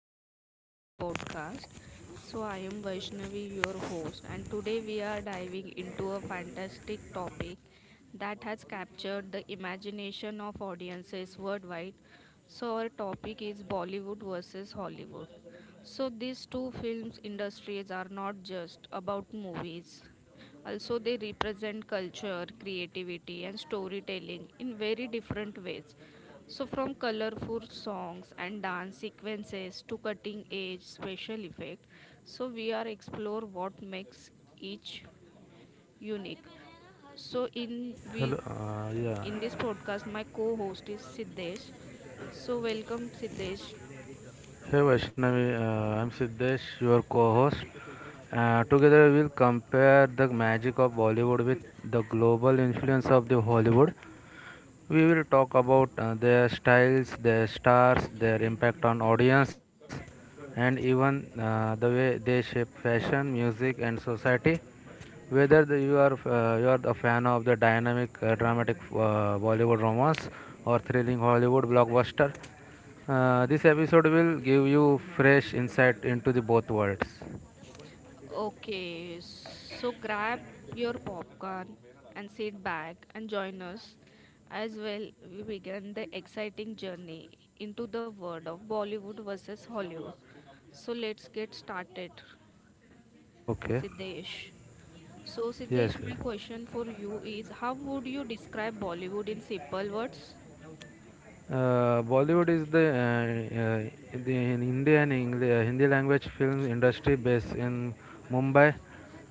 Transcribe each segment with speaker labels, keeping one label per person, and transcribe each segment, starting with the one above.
Speaker 1: welcome to our podcast. So, I am Vaishnavi, your host, and today we are diving into a fantastic topic that has captured the imagination of audiences worldwide. So, our topic is Bollywood versus Hollywood. So, these two films industries are not just about movies, also, they represent culture, creativity, and storytelling in very different ways. So, from colorful songs and dance sequences to cutting edge special effect, so we are explore what makes each unique. So, in
Speaker 2: Hello,
Speaker 1: we
Speaker 2: yeah.
Speaker 1: in this podcast, my co-host is Siddesh. So, welcome Siddesh.
Speaker 2: Hey Vaishnavi, I'm Siddesh, your co-host. Together we'll compare the magic of Bollywood with the global influence of the Hollywood. We will talk about their styles, their stars, their impact on audience, and even the way they shape fashion, music, and society. You are a fan of the dynamic, dramatic Bollywood romance or thrilling Hollywood blockbuster, this episode will give you fresh insight into the both worlds.
Speaker 1: Okay, so grab your popcorn and sit back and join us as well we begin the exciting journey into the world of Bollywood versus Hollywood. So let's get started,
Speaker 2: Okay.
Speaker 1: Siddesh. So
Speaker 2: Yes,
Speaker 1: Siddesh, my
Speaker 2: yes.
Speaker 1: question for you is how would you describe Bollywood in simple words?
Speaker 2: Bollywood is the in Indian English, Hindi language film industry based in Mumbai.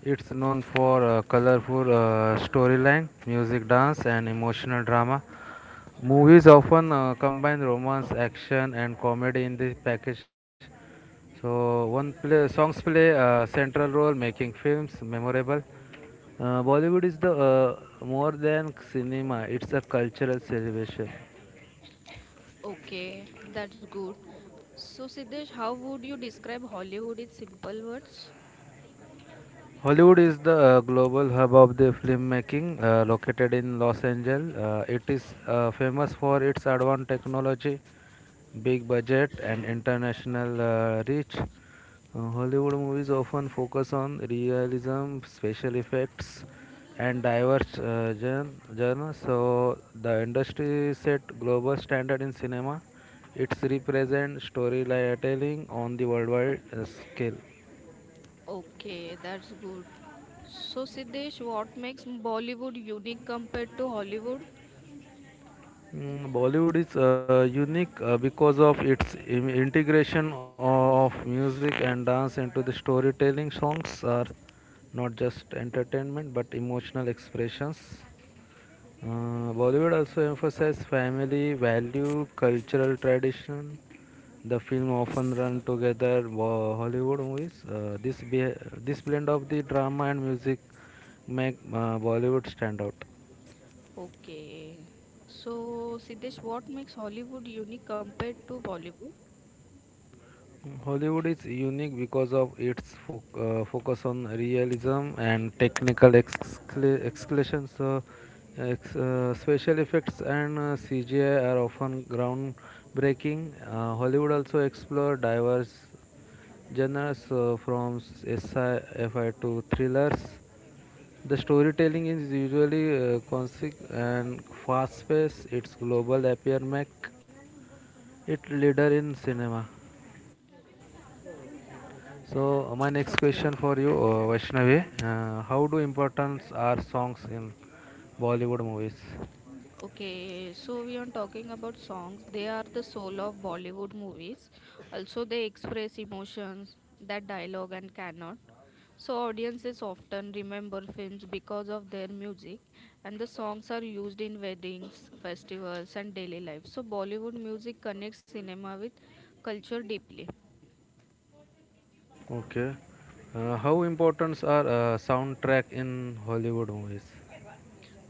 Speaker 2: It's known for colorful storyline, music, dance, and emotional drama. Movies often combine romance, action, and comedy in the package. So one play, songs play a central role, making films memorable. Bollywood is the more than cinema; it's a cultural celebration.
Speaker 1: Okay, that's good. So Siddesh, how would you describe Hollywood in simple words?
Speaker 2: Hollywood is the global hub of the filmmaking, located in Los Angeles. It is famous for its advanced technology, big budget, and international reach. Hollywood movies often focus on realism, special effects, and diverse genres. So the industry set global standard in cinema. It's represent storytelling on the worldwide scale.
Speaker 1: Okay, that's good. So, Siddesh, what makes Bollywood unique compared to Hollywood?
Speaker 2: Mm, Bollywood is unique because of its integration of music and dance into the storytelling. Songs are not just entertainment but emotional expressions. Uh, Bollywood also emphasizes family value, cultural tradition. The film often run together wo- Hollywood movies. This blend of the drama and music make Bollywood stand out.
Speaker 1: Okay. So, Siddesh, what makes Hollywood unique compared to Bollywood?
Speaker 2: Hollywood is unique because of its focus on realism and technical exclamations. Special effects and CGI are often groundbreaking. Hollywood also explore diverse genres from sci-fi to thrillers. The storytelling is usually concise and fast-paced. Its global appeal make it leader in cinema. So my next question
Speaker 1: Okay.
Speaker 2: for you, Vaishnavi, how do importance are songs in Bollywood movies?
Speaker 1: Okay. So, we are talking about songs. They are the soul of Bollywood movies. Also, they express emotions that dialogue and cannot. So audiences often remember films because of their music and the songs are used in weddings, festivals and daily life. So Bollywood music connects cinema with culture deeply.
Speaker 2: Okay. How importance are soundtrack in Hollywood movies?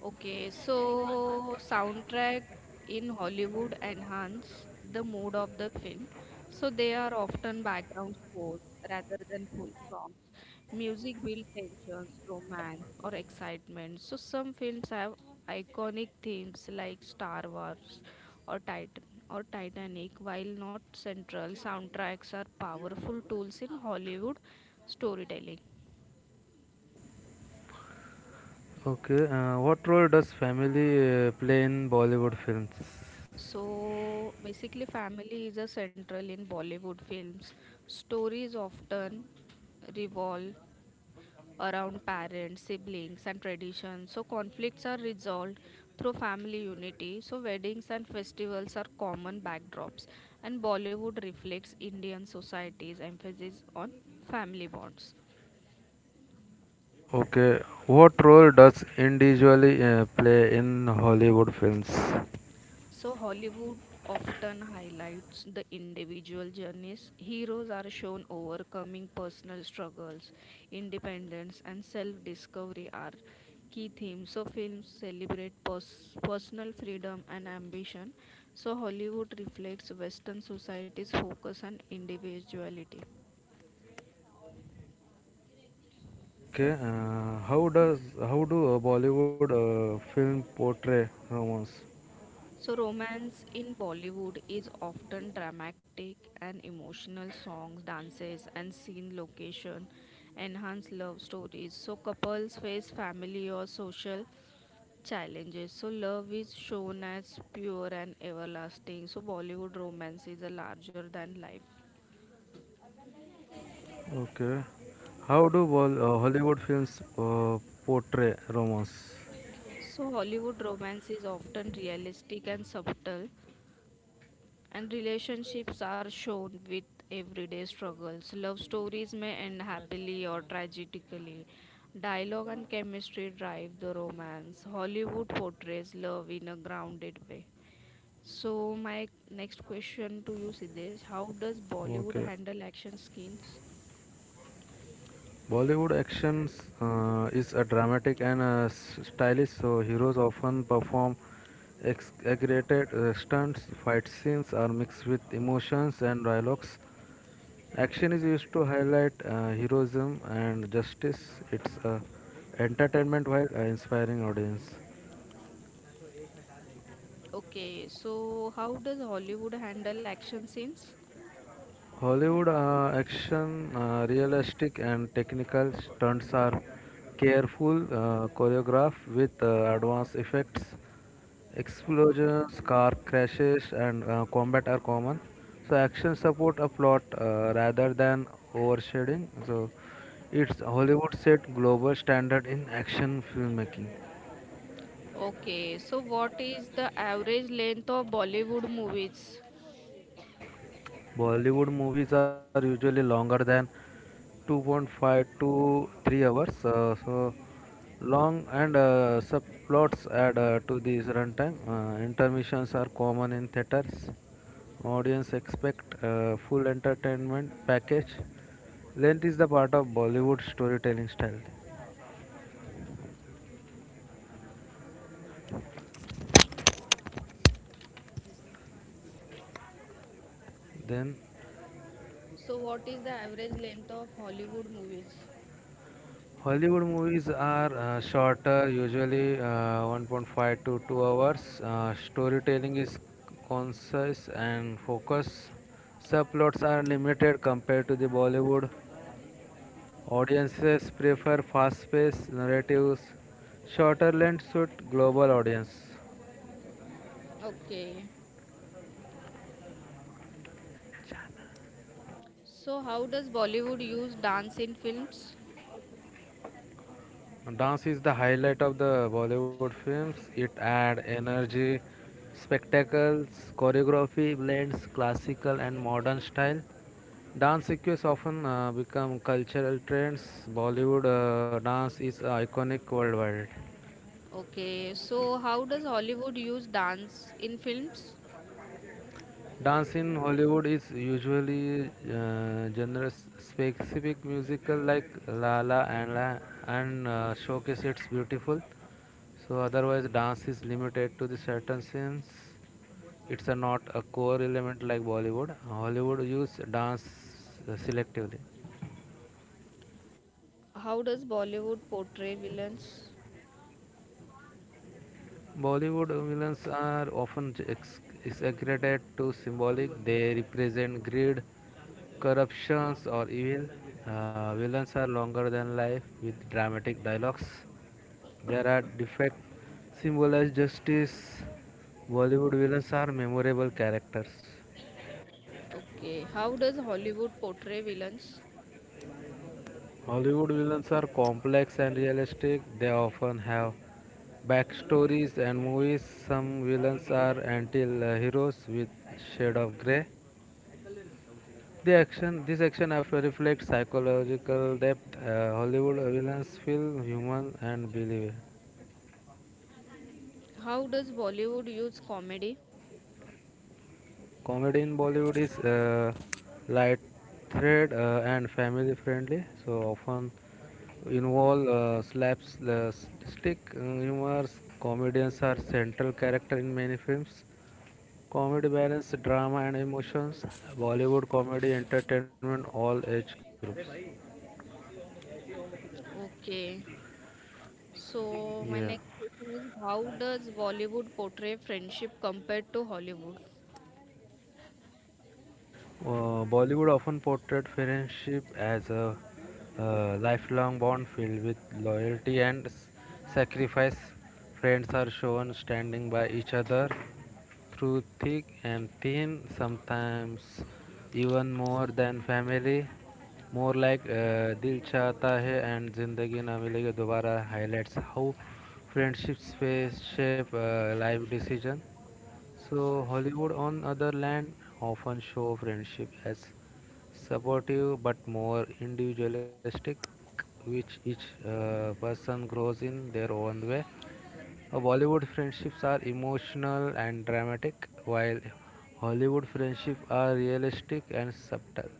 Speaker 1: Okay, so soundtrack in Hollywood enhance the mood of the film. So they are often background scores rather than full songs. Music builds tensions, romance, or excitement. So some films have iconic themes like Star Wars or Titan or Titanic. While not central, soundtracks are powerful tools in Hollywood storytelling.
Speaker 2: Okay. What role does family play in Bollywood films?
Speaker 1: So basically, family is a central in Bollywood films. Stories often revolve around parents, siblings, and traditions. So conflicts are resolved through family unity. So weddings and festivals are common backdrops, and Bollywood reflects Indian society's emphasis on family bonds.
Speaker 2: Okay. What role does individually play in Hollywood films?
Speaker 1: So, Hollywood often highlights the individual journeys. Heroes are shown overcoming personal struggles, independence, and self discovery are key themes. So, films celebrate personal freedom and ambition. So, Hollywood reflects Western society's focus on individuality.
Speaker 2: Okay. How do Bollywood film portray romance?
Speaker 1: So, romance in Bollywood is often dramatic and emotional songs, dances, and scene location enhance love stories. So, couples face family or social challenges. So, love is shown as pure and everlasting. So, Bollywood romance is a larger than life.
Speaker 2: Okay. How do Hollywood films portray romance?
Speaker 1: So, Hollywood romance is often realistic and subtle. And relationships are shown with everyday struggles. Love stories may end happily or tragically. Dialogue and chemistry drive the romance. Hollywood portrays love in a grounded way. So, my next question to you, Siddesh, how does Bollywood
Speaker 2: Okay.
Speaker 1: handle action scenes?
Speaker 2: Bollywood actions is a dramatic and stylish, so heroes often perform exaggerated stunts. Fight scenes are mixed with emotions and dialogues. Action is used to highlight heroism and justice. It's entertainment while inspiring audience.
Speaker 1: Okay, so how does Hollywood handle action scenes?
Speaker 2: Hollywood action, realistic and technical stunts are careful choreographed with advanced effects. Explosions, car crashes, and combat are common. So action support a plot rather than overshading. So it's Hollywood set global standard in action filmmaking.
Speaker 1: Okay, so what is the average length of Bollywood movies?
Speaker 2: Bollywood movies are usually longer than 2.5 to 3 hours. So long and subplots add to this runtime. Intermissions are common in theaters. Audience expect full entertainment package. Length is the part of Bollywood storytelling style. Then
Speaker 1: So, what is the average length of Hollywood movies?
Speaker 2: Hollywood movies are shorter, usually 1.5 to 2 hours. Storytelling is concise and focused. Subplots are limited compared to the Bollywood. Audiences prefer fast-paced narratives. Shorter length suit global audience.
Speaker 1: Okay. So, how does Bollywood use dance in films?
Speaker 2: Dance is the highlight of the Bollywood films. It adds energy, spectacles, choreography blends classical and modern style. Dance sequences often become cultural trends. Bollywood dance is iconic worldwide.
Speaker 1: Okay. So, how does Hollywood use dance in films?
Speaker 2: Dance in Hollywood is usually genre-specific musical like La La and La and showcase its beautiful. So otherwise, dance is limited to the certain scenes. It's a not a core element like Bollywood. Hollywood use dance selectively.
Speaker 1: How does Bollywood portray villains?
Speaker 2: Bollywood villains are often exaggerated to symbolic. They represent greed, corruptions, or evil. Villains are longer than life with dramatic dialogues. There are defect symbolize justice. Bollywood villains are memorable characters.
Speaker 1: Okay. How does Hollywood portray villains?
Speaker 2: Hollywood villains are complex and realistic. They often have backstories and movies. Some villains are anti-heroes with shade of gray. This action have- reflects psychological depth. Hollywood villains feel human and believable.
Speaker 1: How does Bollywood use comedy?
Speaker 2: Comedy in Bollywood is light-thread and family-friendly, so often involve slapstick humor. Comedians are central character in many films. Comedy balance drama and emotions. Bollywood comedy entertainment all age groups.
Speaker 1: Okay. So, my
Speaker 2: Yeah.
Speaker 1: next question is how does Bollywood portray friendship compared to Hollywood?
Speaker 2: Bollywood often portrayed friendship as a lifelong bond filled with loyalty and sacrifice. Friends are shown standing by each other through thick and thin, sometimes even more than family. More like Dil Chahta Hai and Zindagi Na Milegi Dobara highlights how friendships face shape life decision. So, Hollywood, on other land, often show friendship as supportive but more individualistic, which each person grows in their own way. Bollywood friendships are emotional and dramatic, while Hollywood friendships are realistic and subtle.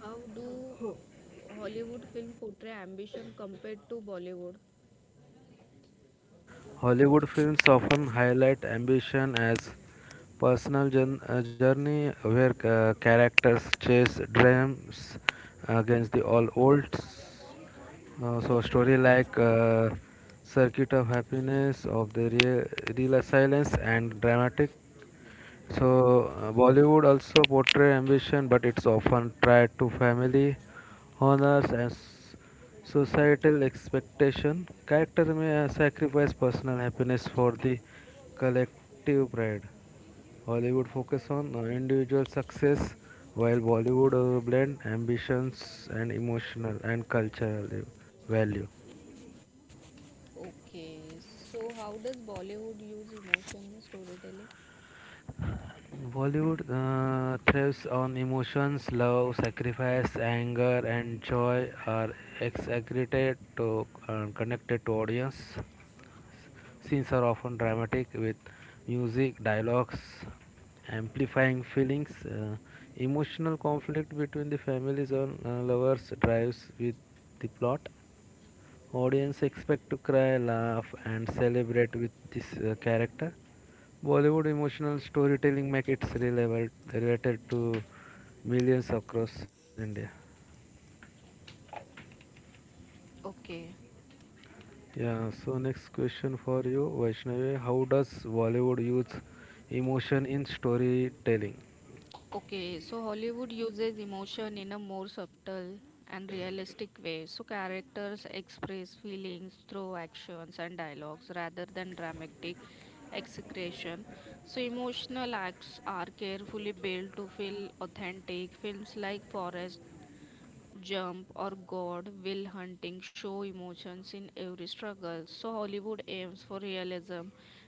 Speaker 1: How do Hollywood film portray ambition compared to Bollywood?
Speaker 2: Hollywood films often highlight ambition as personal journey where characters chase dreams against the all odds. So a story like Circuit of Happiness of the Real Silence and dramatic so Bollywood also portray ambition, but it's often tied to family honors and societal expectation. Character may sacrifice personal happiness for the collective pride. Hollywood focus on individual success, while Bollywood blend ambitions and emotional and cultural value.
Speaker 1: Okay, so how does Bollywood use emotion in storytelling?
Speaker 2: Bollywood thrives on emotions, love, sacrifice, anger, and joy are exaggerated to connected to audience. Scenes are often dramatic with music, dialogues, amplifying feelings. Emotional conflict between the families or lovers drives with the plot. Audience expect to cry, laugh, and celebrate with this character. Bollywood emotional storytelling make it relevant related to millions across India.
Speaker 1: Okay,
Speaker 2: Yeah, so next question for you, Vaishnavi. How does Bollywood use emotion in storytelling?
Speaker 1: okay. So Hollywood uses emotion in a more subtle and realistic way. So characters express feelings through actions and dialogues rather than dramatic execution. So emotional acts are carefully built to feel authentic. Films like Forrest Jump or God will hunting show emotions in every struggle. So Hollywood aims for realism,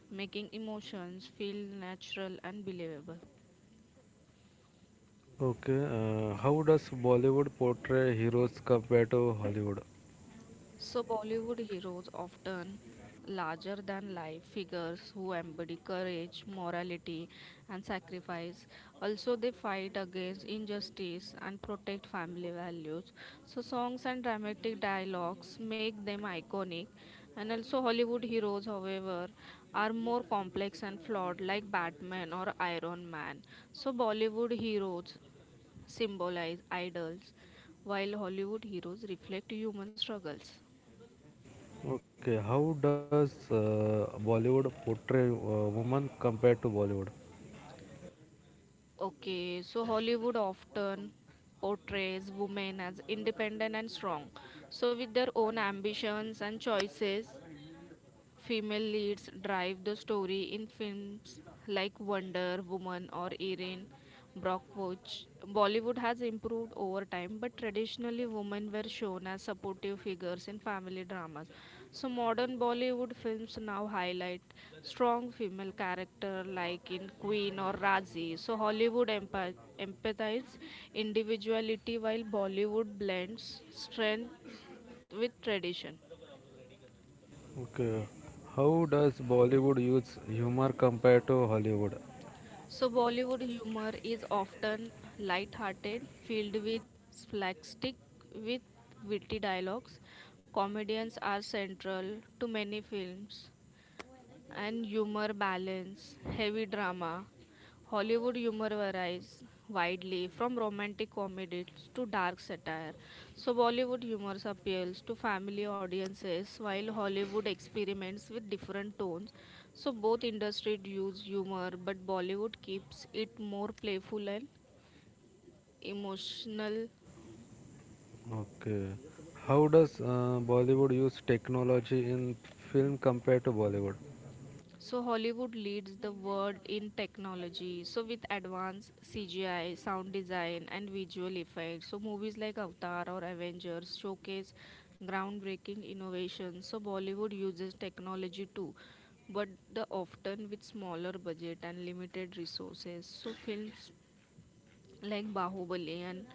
Speaker 1: making emotions feel natural and believable.
Speaker 2: Okay, how does Bollywood portray heroes compared to Hollywood?
Speaker 1: So, Bollywood heroes, often larger than life figures who embody courage, morality, and sacrifice. Also, they fight against injustice and protect family values. So, songs and dramatic dialogues make them iconic. And also, Hollywood heroes, however, are more complex and flawed, like Batman or Iron Man. So, Bollywood heroes symbolize idols, while Hollywood heroes reflect human struggles.
Speaker 2: Okay, how does Bollywood portray women compared to Bollywood?
Speaker 1: Okay, so Hollywood often portrays women as independent and strong, so with their own ambitions and choices. Female leads drive the story in films like Wonder Woman or Erin Brockovich. Bollywood has improved over time, but traditionally women were shown as supportive figures in family dramas. So modern Bollywood films now highlight strong female character like in Queen or Razi. So Hollywood empathizes individuality while Bollywood blends strength with tradition.
Speaker 2: Okay. How does Bollywood use humor compared to Hollywood?
Speaker 1: So, Bollywood humor is often light-hearted, filled with slapstick, with witty dialogues. Comedians are central to many films, and humor balance heavy drama. Hollywood humor varies widely from romantic comedies to dark satire. So, Bollywood humor appeals to family audiences while Hollywood experiments with different tones. So, both industries use humor, but Bollywood keeps it more playful and emotional.
Speaker 2: Okay. How does Bollywood use technology in film compared to Bollywood?
Speaker 1: So Hollywood leads the world in technology. So with advanced CGI, sound design and visual effects. So movies like Avatar or Avengers showcase groundbreaking innovations. So Bollywood uses technology too, but the often with smaller budget and limited resources. So films like Bahubali and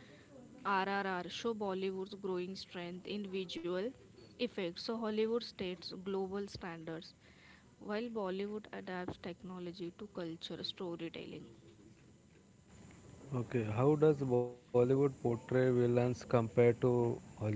Speaker 1: RRR show Bollywood's growing strength in visual effects. So Hollywood states global standards while Bollywood adapts technology to culture storytelling.
Speaker 2: Okay. How does Bollywood portray villains compared to Hollywood?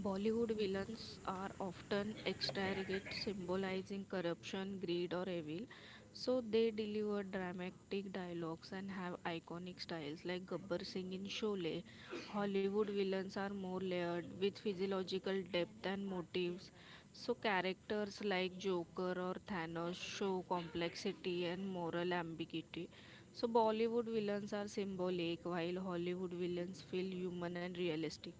Speaker 1: Bollywood villains are often extravagant, symbolizing corruption, greed, or evil. So they deliver dramatic dialogues and have iconic styles like Gabbar Singh in Sholay. Hollywood villains are more layered with physiological depth and motives. So characters like Joker or Thanos show complexity and moral ambiguity. So Bollywood villains are symbolic while Hollywood villains feel human and realistic.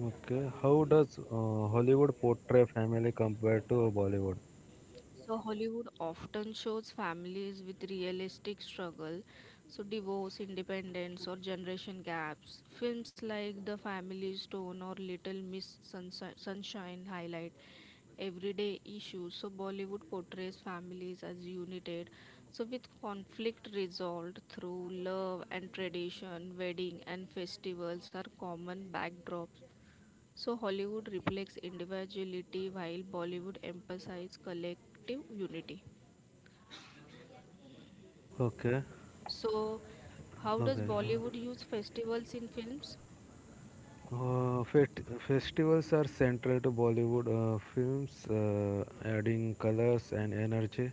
Speaker 2: Okay. How does Hollywood portray family compared to Bollywood?
Speaker 1: So Hollywood often shows families with realistic struggle, so divorce, independence, or generation gaps. Films like The Family Stone or Little Miss Sunshine highlight everyday issues. So Bollywood portrays families as united, so with conflict resolved through love and tradition, wedding and festivals are common backdrops. So Hollywood reflects individuality while Bollywood emphasizes collective unity.
Speaker 2: Okay.
Speaker 1: So, how does
Speaker 2: Okay.
Speaker 1: Bollywood use festivals in films?
Speaker 2: Uh, fet- festivals are central to Bollywood films, adding colors and energy.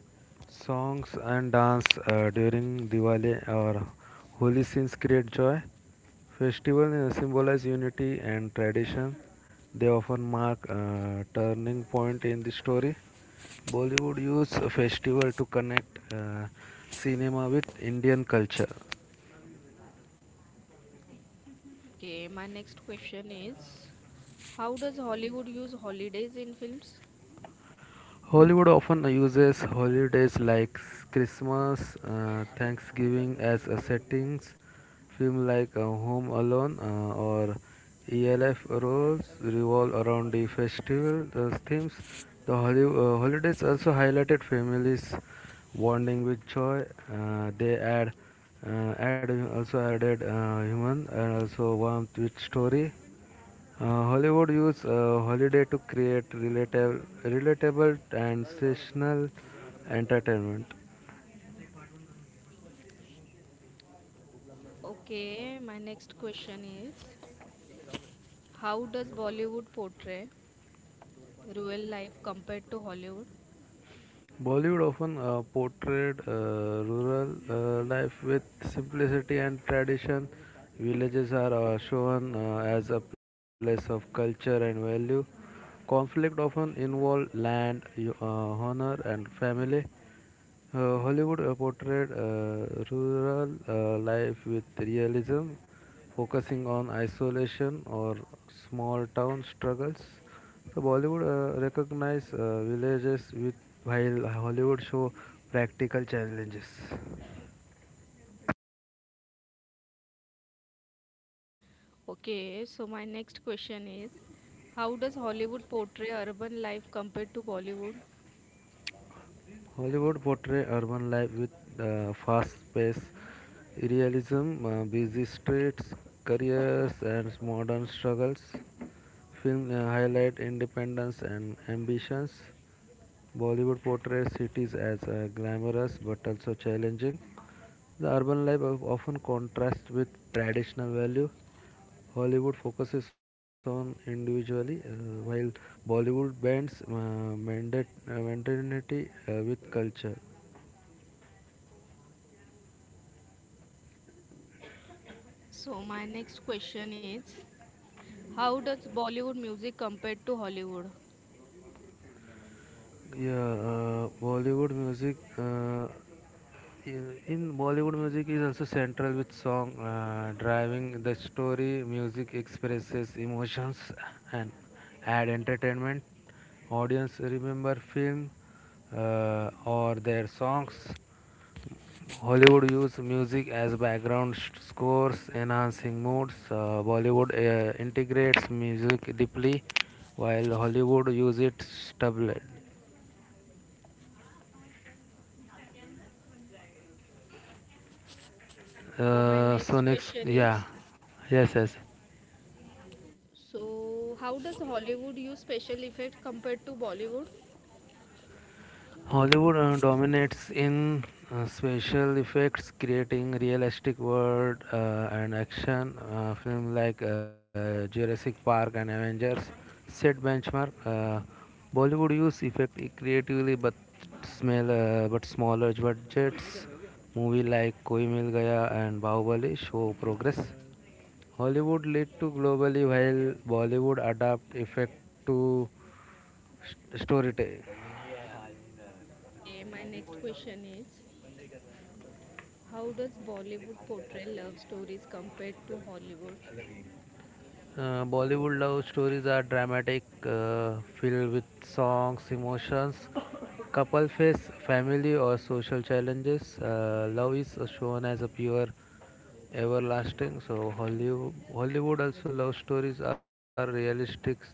Speaker 2: Songs and dance during Diwali or holy scenes create joy. Festivals symbolize unity and tradition. They often mark a turning point in the story. Bollywood use a festival to connect cinema with Indian culture.
Speaker 1: Okay, my next question is, how does Hollywood use holidays in films?
Speaker 2: Hollywood often uses holidays like Christmas, Thanksgiving as a settings. Films like Home Alone or ELF roles revolve around the festival themes. Holidays also highlighted families bonding with joy. Uh, they add, add also added human and also warmth with story. Hollywood use holiday to create relatable and seasonal entertainment.
Speaker 1: Okay, my next question is, how does Bollywood portray real life compared to Hollywood?
Speaker 2: Bollywood often portrayed rural life with simplicity and tradition. Villages are shown as a place of culture and value. Conflict often involve land, honor, and family. Hollywood portrayed rural life with realism, focusing on isolation or small town struggles. So Bollywood recognized villages with while Hollywood show practical challenges.
Speaker 1: Okay, so my next question is, how does Hollywood portray urban life compared to Bollywood?
Speaker 2: Hollywood portray urban life with fast-paced realism, busy streets, careers, and modern struggles. Film highlight independence and ambitions. Bollywood portrays cities as glamorous but also challenging. The urban life often contrasts with traditional value. Hollywood focuses on individuality, while Bollywood bends modernity with culture.
Speaker 1: So my next question is, how does Bollywood music compared to Hollywood?
Speaker 2: Yeah, Bollywood music. In Bollywood music is also central with song driving the story. Music expresses emotions and add entertainment. Audience remember film or their songs. Hollywood use music as background scores, enhancing moods. Bollywood integrates music deeply, while Hollywood use it stably.
Speaker 1: So my
Speaker 2: Uh, so
Speaker 1: next
Speaker 2: next,
Speaker 1: question
Speaker 2: yeah,
Speaker 1: is,
Speaker 2: yes, yes.
Speaker 1: so, how does Hollywood use special effects compared to Bollywood?
Speaker 2: Hollywood dominates in special effects, creating realistic world and action film like Jurassic Park and Avengers set benchmark. Bollywood use effect creatively, but smell but smaller budgets. Movie like Koi Mil Gaya and Bahubali show progress. Hollywood lead to globally, while Bollywood adapt effect to storytelling.
Speaker 1: Okay, my next question is, how does Bollywood portray love stories compared to Hollywood?
Speaker 2: Bollywood love stories are dramatic, filled with songs, emotions, couple face, family, or social challenges. Love is shown as a pure, everlasting. So Hollywood also love stories are realistic,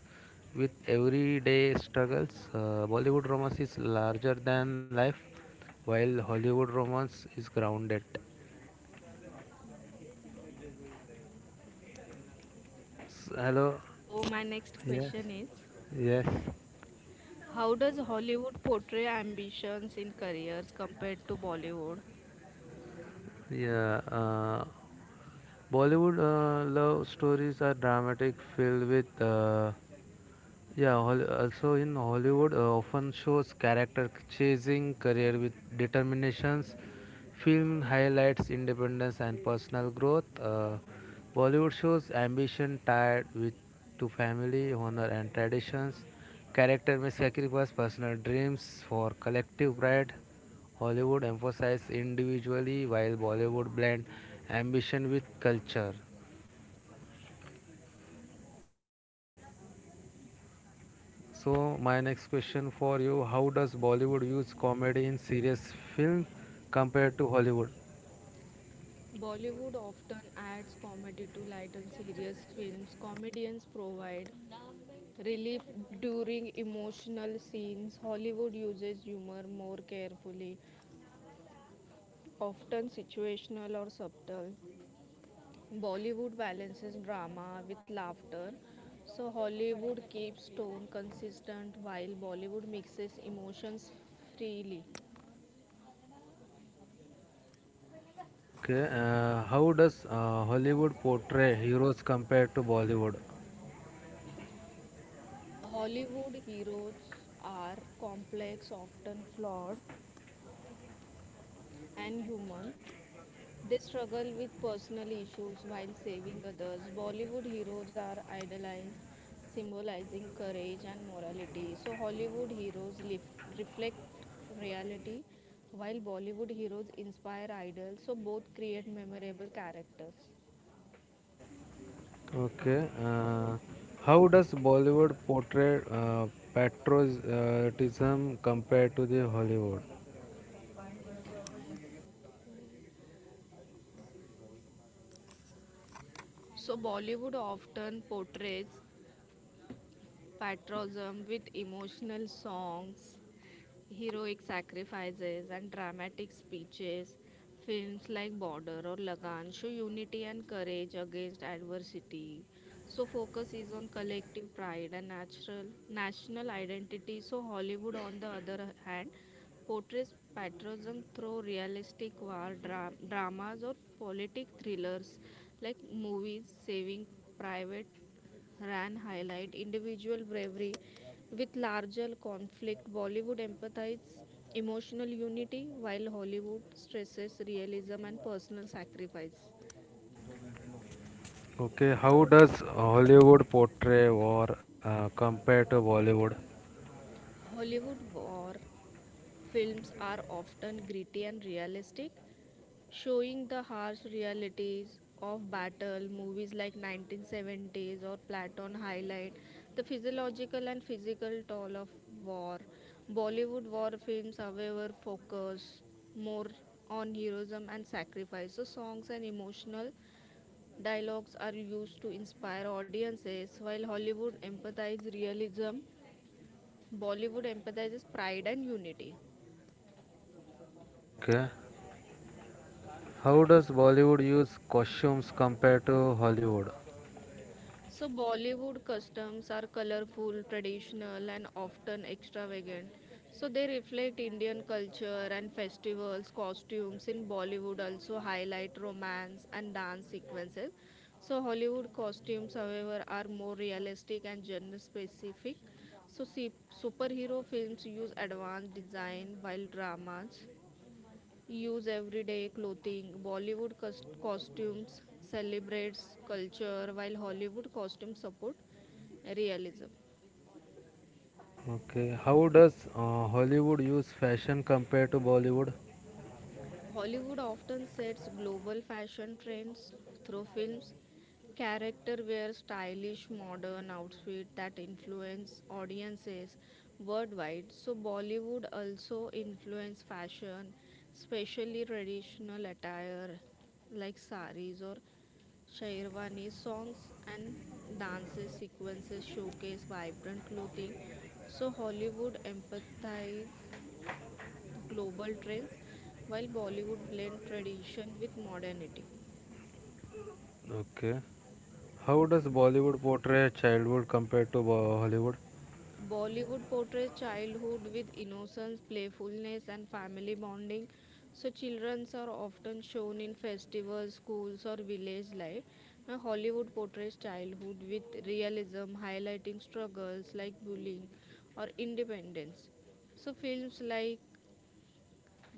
Speaker 2: with everyday struggles. Bollywood romance is larger than life, while Hollywood romance is grounded. S- hello.
Speaker 1: So, my next
Speaker 2: Yes.
Speaker 1: question is,
Speaker 2: Yes.
Speaker 1: how does Hollywood portray ambitions in careers compared to Bollywood?
Speaker 2: Yeah, uh, Bollywood love stories are dramatic, filled with also in Hollywood, often shows character chasing career with determinations. Film highlights independence and personal growth. Bollywood shows ambition tied with to family, honor, and traditions. Character may sacrifice personal dreams for collective pride. Hollywood emphasizes individually, while Bollywood blend ambition with culture. So my next question for you: How does Bollywood use comedy in serious film compared to Hollywood?
Speaker 1: Bollywood often adds comedy to lighten serious films. Comedians provide relief during emotional scenes. Hollywood uses humor more carefully, often situational or subtle. Bollywood balances drama with laughter, so Hollywood keeps tone consistent while Bollywood mixes emotions freely.
Speaker 2: Okay, how does Hollywood portray heroes compared to Bollywood?
Speaker 1: Hollywood heroes are complex, often flawed, and human. They struggle with personal issues while saving others. Bollywood heroes are idolized, symbolizing courage and morality. So, Hollywood heroes reflect reality, while Bollywood heroes inspire idols. So, both create memorable characters.
Speaker 2: Okay, how does Bollywood portray patriotism compared to the Hollywood?
Speaker 1: So, Bollywood often portrays patriotism with emotional songs, heroic sacrifices and dramatic speeches. Films like Border or Lagan show unity and courage against adversity. So focus is on collective pride and natural national identity. So Hollywood, on the other hand, portrays patriotism through realistic war dramas or politic thrillers like movies. Saving Private Ran highlight individual bravery with larger conflict. Bollywood empathizes emotional unity while Hollywood stresses realism and personal sacrifice.
Speaker 2: Okay, how does Hollywood portray war compared to Bollywood?
Speaker 1: Hollywood war films are often gritty and realistic, showing the harsh realities of battle. Movies like 1970s or platon highlight the physiological and physical toll of war. Bollywood war films, however, focus more on heroism and sacrifice, so songs and emotional dialogues are used to inspire audiences. While Hollywood empathizes realism, Bollywood empathizes pride and unity.
Speaker 2: Okay, how does Bollywood use costumes compared to Hollywood?
Speaker 1: So, Bollywood customs are colorful, traditional, and often extravagant. So, they reflect Indian culture and festivals, costumes in Bollywood also highlight romance and dance sequences. So, Hollywood costumes, however, are more realistic and gender specific. So, see, superhero films use advanced design while dramas use everyday clothing Bollywood कस costumes celebrates culture while Hollywood costume support realism.
Speaker 2: Okay, how does Hollywood use fashion compared to Bollywood?
Speaker 1: Hollywood often sets global fashion trends through films. Character wear stylish modern outfits that influence audiences worldwide. So Bollywood also influence fashion, especially traditional attire like saris or Shairwani songs and dances sequences showcase vibrant clothing. So Hollywood empathizes global trends, while Bollywood blends tradition with modernity.
Speaker 2: Okay, how does Bollywood portray childhood compared to Hollywood?
Speaker 1: Bollywood portrays childhood with innocence, playfulness, and family bonding, so children are often shown in festivals, schools, or village life. Now, Hollywood portrays childhood with realism, highlighting struggles like bullying or independence. So films like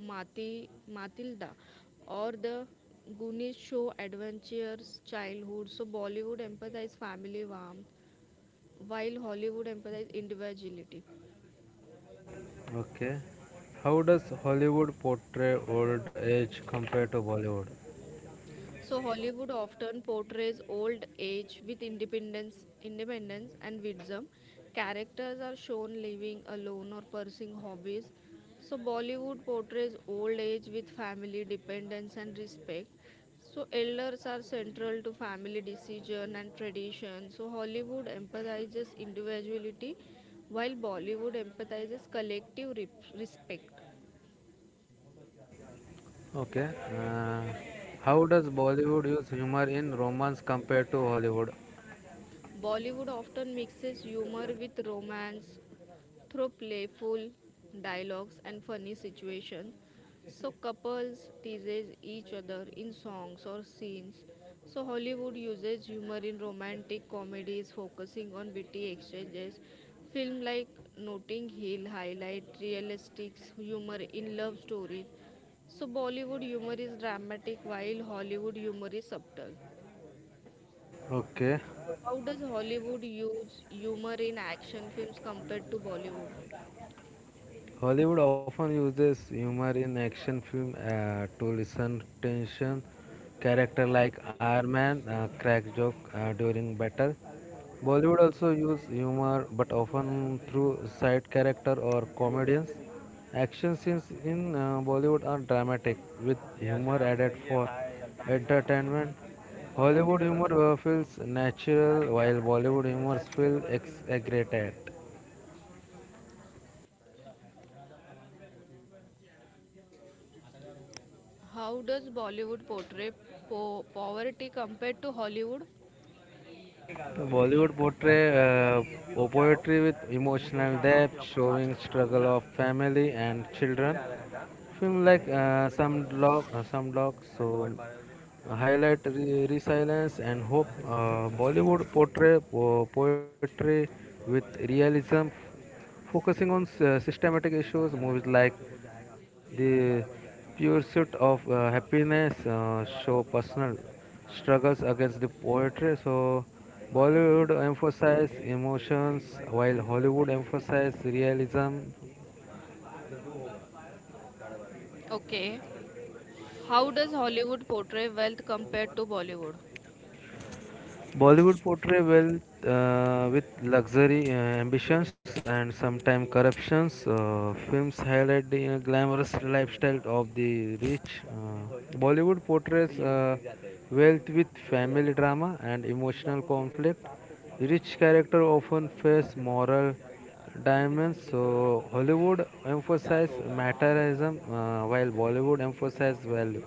Speaker 1: Mati, Matilda or the Goonies show adventures, childhood. So Bollywood emphasizes family warmth, while Hollywood emphasizes individuality.
Speaker 2: Okay, how does Hollywood portray old age compared to Bollywood?
Speaker 1: So Hollywood often portrays old age with independence and wisdom. Characters are shown living alone or pursuing hobbies. So Bollywood portrays old age with family dependence and respect. So elders are central to family decision and tradition. So Hollywood emphasizes individuality while Bollywood emphasizes collective respect.
Speaker 2: Okay, uh, how does Bollywood use humor in romance compared to Hollywood?
Speaker 1: Bollywood often mixes humor with romance, through playful dialogues and funny situations. So couples tease each other in songs or scenes. So Hollywood uses humor in romantic comedies, focusing on witty exchanges. Film like Notting Hill highlight realistic humor in love stories. So Bollywood humor is dramatic, while Hollywood humor is subtle.
Speaker 2: Okay.
Speaker 1: So how does Hollywood use humor in action films compared to Bollywood?
Speaker 2: Hollywood often uses humor in action film to loosen tension. Character like Iron Man cracks joke during battle. Bollywood also uses humor, but often through side character or comedians. Action scenes in Bollywood are dramatic, with humor added for entertainment. Hollywood humor feels natural, while Bollywood humor feels exaggerated.
Speaker 1: How does Bollywood portray poverty compared to Hollywood?
Speaker 2: Bollywood portray poetry with emotional depth, showing struggle of family and children. Film like some block, so highlight resilience and hope. Bollywood portray poetry with realism, focusing on systematic issues movies like the pursuit of happiness show personal struggles against the poetry. So Bollywood emphasizes emotions while Hollywood emphasizes realism.
Speaker 1: Okay. How does Hollywood portray wealth compared to Bollywood?
Speaker 2: Bollywood portray wealth with luxury ambitions and sometimes corruptions. Films highlight the glamorous lifestyle of the rich. Bollywood portrays wealth with family drama and emotional conflict. Rich character often face moral dimensions. So Hollywood emphasizes materialism while Bollywood emphasizes value.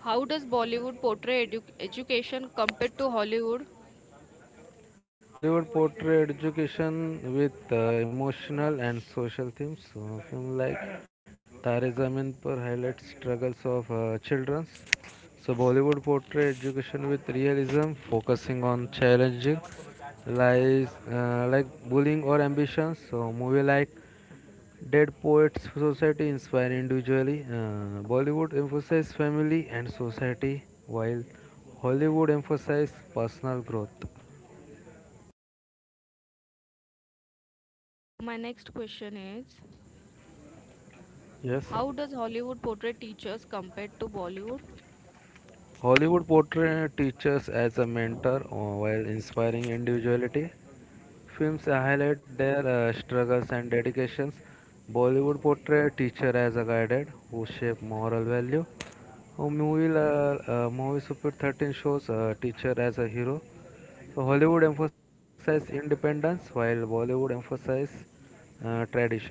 Speaker 1: How does Bollywood portray education compared to Hollywood?
Speaker 2: Bollywood portray education with emotional and social themes. So, film like Tare Zameen Par highlights struggles of children. So, Bollywood portray education with realism, focusing on challenging lies like bullying or ambition. So, movie like Dead Poets Society inspire individually. Bollywood emphasizes family and society, while Hollywood emphasizes personal growth.
Speaker 1: So, my next question is,
Speaker 2: Yes.
Speaker 1: how does Hollywood portray teachers compared to Bollywood?
Speaker 2: Hollywood portrays teachers as a mentor while inspiring individuality. Films highlight their struggles and dedications. Bollywood portrays teacher as a guide who shape moral value. A movie, movie Super 13 shows teacher as a hero. So Hollywood emphasizes independence while Bollywood emphasizes traditions.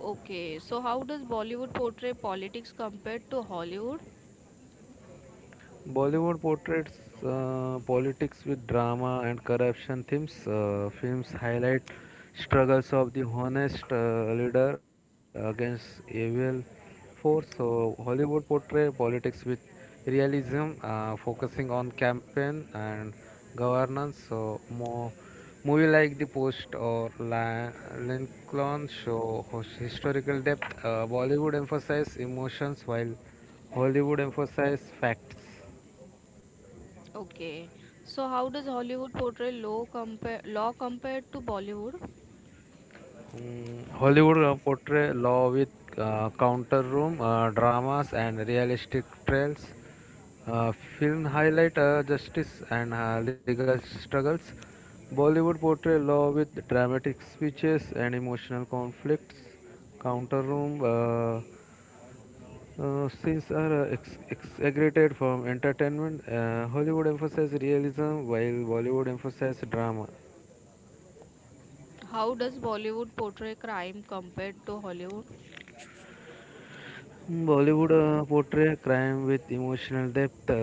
Speaker 1: Okay. So, how does Bollywood portray politics compared to Hollywood?
Speaker 2: Bollywood portrays politics with drama and corruption themes. Films highlight struggles of the honest leader against evil force. So Hollywood portray politics with realism, focusing on campaign and governance. So more movie like The Post or Lincoln show historical depth. Bollywood emphasize emotions while Hollywood emphasize facts.
Speaker 1: Okay. So, how does Hollywood portray law, compare law compared to Bollywood?
Speaker 2: Mm, Hollywood portray law with counter room dramas and realistic trials. Uh, Film highlight justice and legal struggles. Bollywood portray law with dramatic speeches and emotional conflicts. Counter room scenes are exaggerated from entertainment. Hollywood emphasizes realism while Bollywood emphasizes drama.
Speaker 1: How does Bollywood portray crime compared to Hollywood?
Speaker 2: Mm, Bollywood portray crime with emotional depth,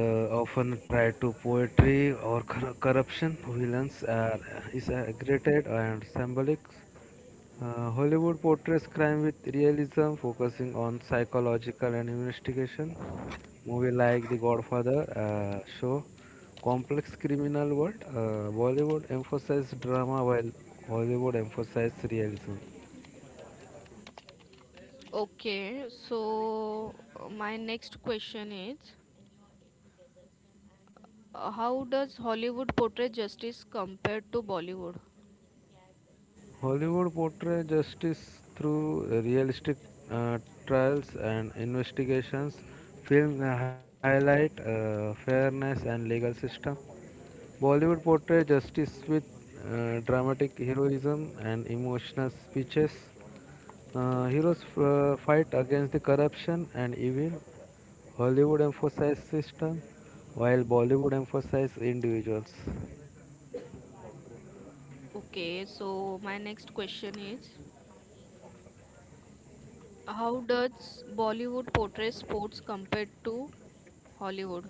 Speaker 2: often try to poetry or corruption. Villains are is exaggerated and symbolic. Hollywood portrays crime with realism, focusing on psychological and investigation. Movie like The Godfather show complex criminal world. Bollywood emphasizes drama while Hollywood emphasizes realism.
Speaker 1: Okay, so my next question is, how does Hollywood portray justice compared to Bollywood?
Speaker 2: Hollywood portrays justice through realistic uh, trials and investigations. Films highlight fairness and legal system. Bollywood portrays justice with dramatic heroism and emotional speeches. Heroes fight against the corruption and evil. Hollywood emphasizes system, while Bollywood emphasizes individuals.
Speaker 1: Okay, so my next question is, how does Bollywood portray sports compared to Hollywood?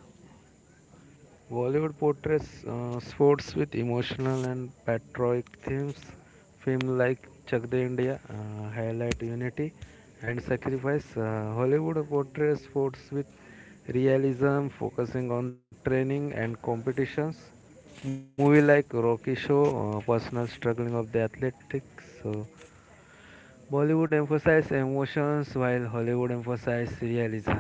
Speaker 2: Bollywood portrays sports with emotional and patriotic themes. Films like Chak De India highlight unity and sacrifice. Hollywood portrays sports with realism, focusing on training and competitions. Movie like Rocky show personal struggling of the athletics. So Bollywood emphasizes emotions while Hollywood emphasizes realism.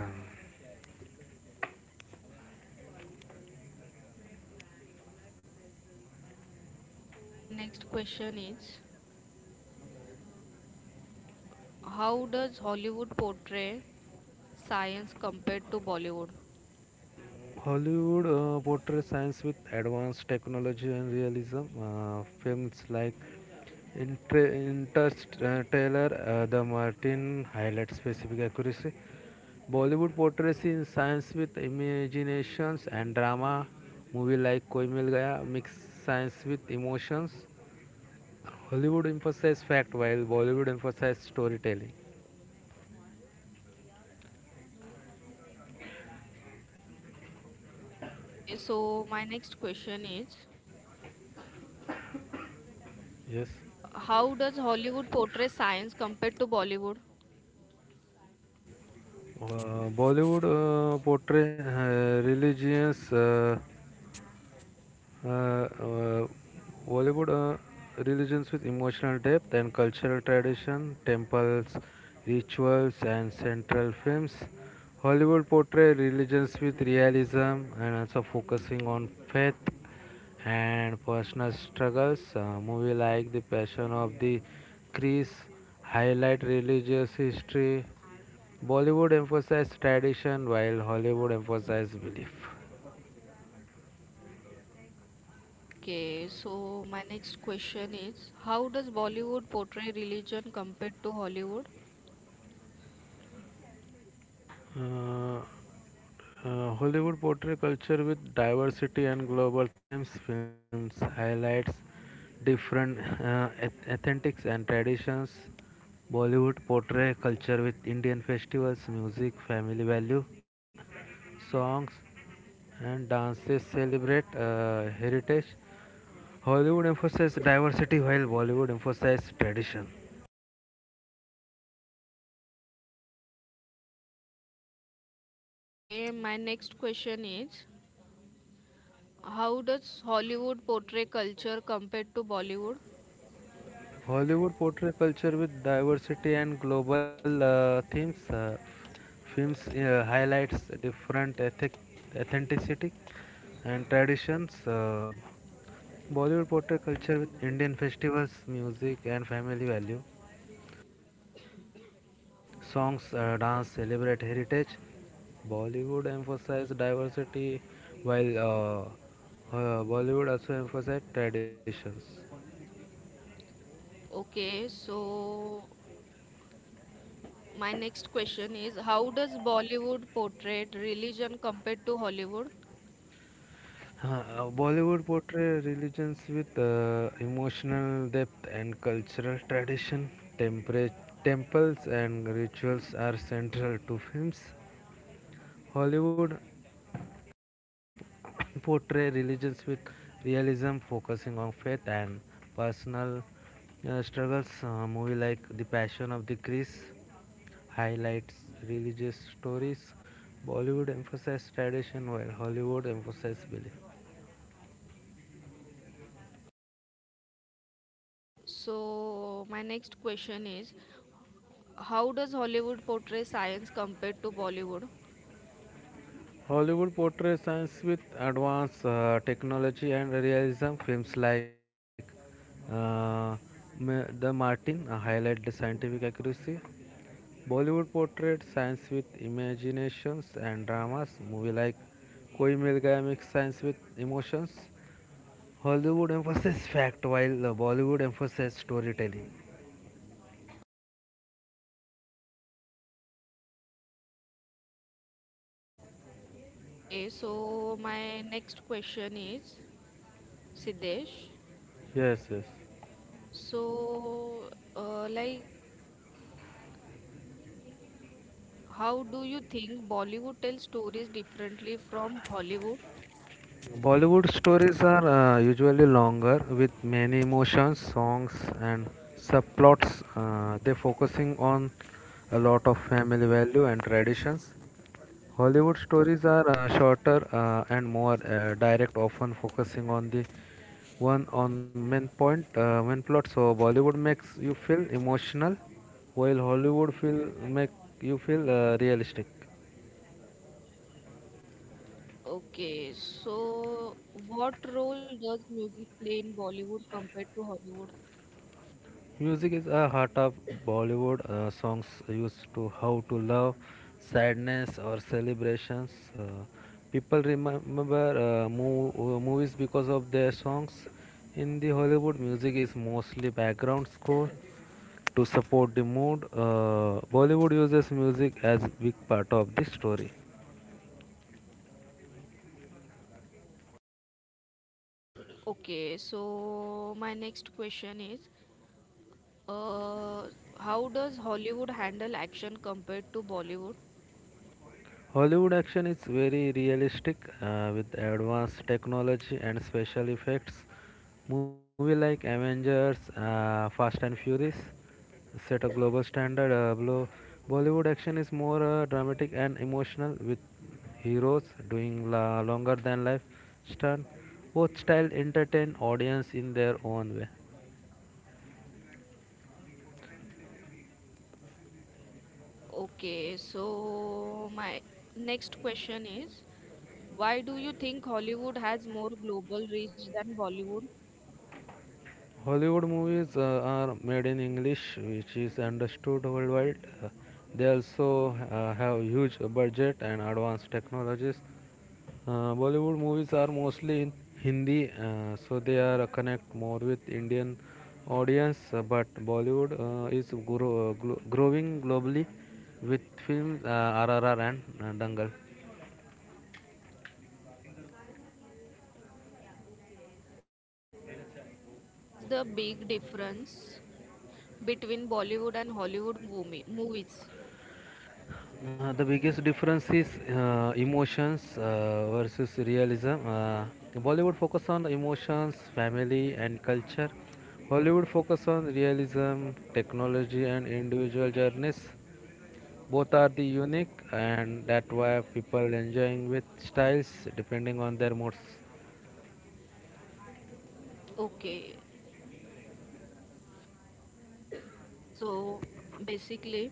Speaker 1: My next question is, how does Hollywood portray science compared to Bollywood?
Speaker 2: Hollywood portrays science with advanced technology and realism. Films like Interstellar, The Martin highlight specific accuracy. Bollywood portrays in science with imaginations and drama. Movie like Koi Mil Gaya mix science with emotions. Hollywood emphasizes fact while Bollywood emphasizes storytelling.
Speaker 1: Okay, so my next question is,
Speaker 2: Yes.
Speaker 1: how does Hollywood portray science compared to Bollywood?
Speaker 2: Bollywood portray religions. Uh, uh, Bollywood religions with emotional depth and cultural tradition, temples, rituals, and central films. Hollywood portray religions with realism and also focusing on faith and personal struggles. Movie like The Passion of the Christ highlight religious history. Bollywood emphasizes tradition while Hollywood emphasizes belief.
Speaker 1: Okay, so my next question is, how does Bollywood portray religion compared to Hollywood?
Speaker 2: Uh, Hollywood portray culture with diversity and global themes. Films highlights different ethnicities and traditions. Bollywood portray culture with Indian festivals, music, family value, songs, and dances celebrate heritage. Hollywood emphasizes diversity while Bollywood emphasizes tradition.
Speaker 1: Okay, my next question is, how does Hollywood portray culture compared to Bollywood?
Speaker 2: Hollywood portray culture with diversity and global themes. Films highlights different ethic, authenticity and traditions. Bollywood portray culture with Indian festivals, music, and family value. Songs, dance celebrate heritage. Bollywood emphasize diversity, while Bollywood also emphasize traditions.
Speaker 1: Okay, so my next question is, how does Bollywood portray religion compared to Hollywood?
Speaker 2: Huh, Bollywood portrays religions with emotional depth and cultural tradition. Tempera- temples and rituals are central to films. Hollywood portrays religions with realism, focusing on faith and personal struggles. A movie like The Passion of the Christ highlights religious stories. Bollywood emphasizes tradition, while Hollywood emphasizes belief.
Speaker 1: So my next question is, how does Hollywood portray science compared to Bollywood?
Speaker 2: Hollywood portrays science with advanced technology and realism. Films like uh, The Martin highlight the scientific accuracy. Bollywood portrays science with imaginations and dramas. Movie like Koi Mil Gaya mix science with emotions. Hollywood emphasizes fact while Bollywood emphasizes storytelling.
Speaker 1: Okay, so my next question is, Siddesh.
Speaker 2: Yes, yes.
Speaker 1: So, like, how do you think Bollywood tells stories differently from Hollywood?
Speaker 2: Bollywood stories are usually longer with many emotions, songs, and subplots. They focusing on a lot of family value and traditions. Hollywood stories are shorter and more direct, often focusing on the one on main point, main plot. So Bollywood makes you feel emotional, while Hollywood feel make you feel realistic.
Speaker 1: Okay, so what role does music play in Bollywood compared to Hollywood?
Speaker 2: Music is a heart of Bollywood. Songs used to how to love, sadness, or celebrations. Uh, People remember movies because of their songs. In the Hollywood, music is mostly background score to support the mood. Bollywood uses music as big part of the story.
Speaker 1: Okay, so my next question is, uh, how does Hollywood handle action compared to Bollywood?
Speaker 2: Hollywood action is very realistic with advanced technology and special effects. Movie like Avengers, Fast and Furious set a global standard. Bollywood action is more dramatic and emotional with heroes doing longer than life stunt. Both style entertain audience in their own way.
Speaker 1: Okay, so my next question is, why do you think Hollywood has more global reach than Bollywood? What
Speaker 2: Hollywood movies are made in English, which is understood worldwide. Uh, they also have huge budget and advanced technologies. Bollywood movies are mostly in Hindi, so they are connect more with Indian audience. But Bollywood growing globally with films RRR and Dangal.
Speaker 1: is the big difference between Bollywood and Hollywood movies?
Speaker 2: The biggest difference is emotions versus realism. Bollywood focus on emotions, family, and culture. Hollywood focus on realism, technology, and individual journeys. Both are the unique, and that's why people enjoying with styles depending on their moods.
Speaker 1: Okay, so basically,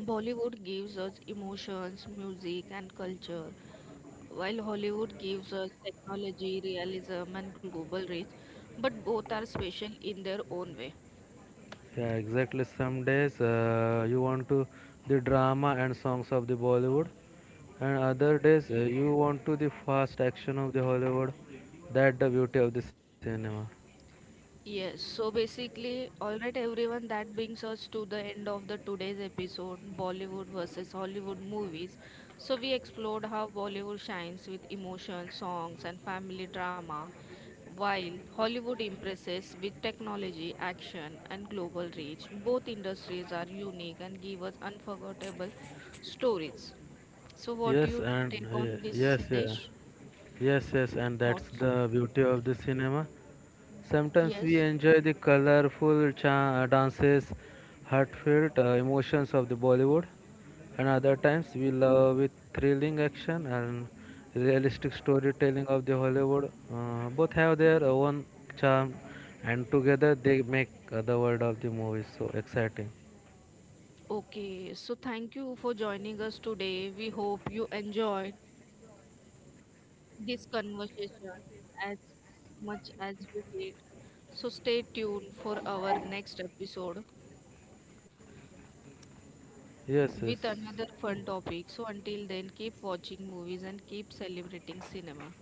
Speaker 1: Bollywood gives us emotions, music, and culture, while Hollywood gives us technology, realism, and global reach, but both are special in their own way.
Speaker 2: Yeah, exactly. Some days you want to the drama and songs of the Bollywood, and other days you want to the fast action of the Hollywood. That the beauty of the cinema.
Speaker 1: Yes, so basically, all right, everyone, that brings us to the end of the today's episode, Bollywood versus Hollywood movies. So we explored how Bollywood shines with emotion, songs, and family drama, while Hollywood impresses with technology, action, and global reach. Both industries are unique and give us unforgettable stories. So, what do
Speaker 2: Yes,
Speaker 1: you
Speaker 2: and
Speaker 1: take on this,
Speaker 2: yes, yeah.
Speaker 1: Siddesh?
Speaker 2: Yes, yes, and that's
Speaker 1: Thoughts?
Speaker 2: the beauty of the cinema. Sometimes we
Speaker 1: Yes.
Speaker 2: enjoy the colorful dances, heartfelt emotions of the Bollywood, and other times we love with thrilling action and realistic storytelling of the Hollywood. Both have their own charm, and together they make the world of the movies so exciting.
Speaker 1: Okay, so thank you for joining us today. We hope you enjoyed this conversation as much as we did. So stay tuned for our next episode
Speaker 2: Yes, yes.
Speaker 1: with another fun topic. So until then, keep watching movies and keep celebrating cinema.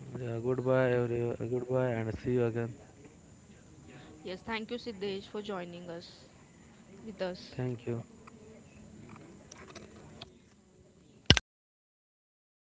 Speaker 2: Yeah, goodbye, everyone. Goodbye, and see you again.
Speaker 1: Yes, thank you, Siddesh, for joining us with us.
Speaker 2: Thank you.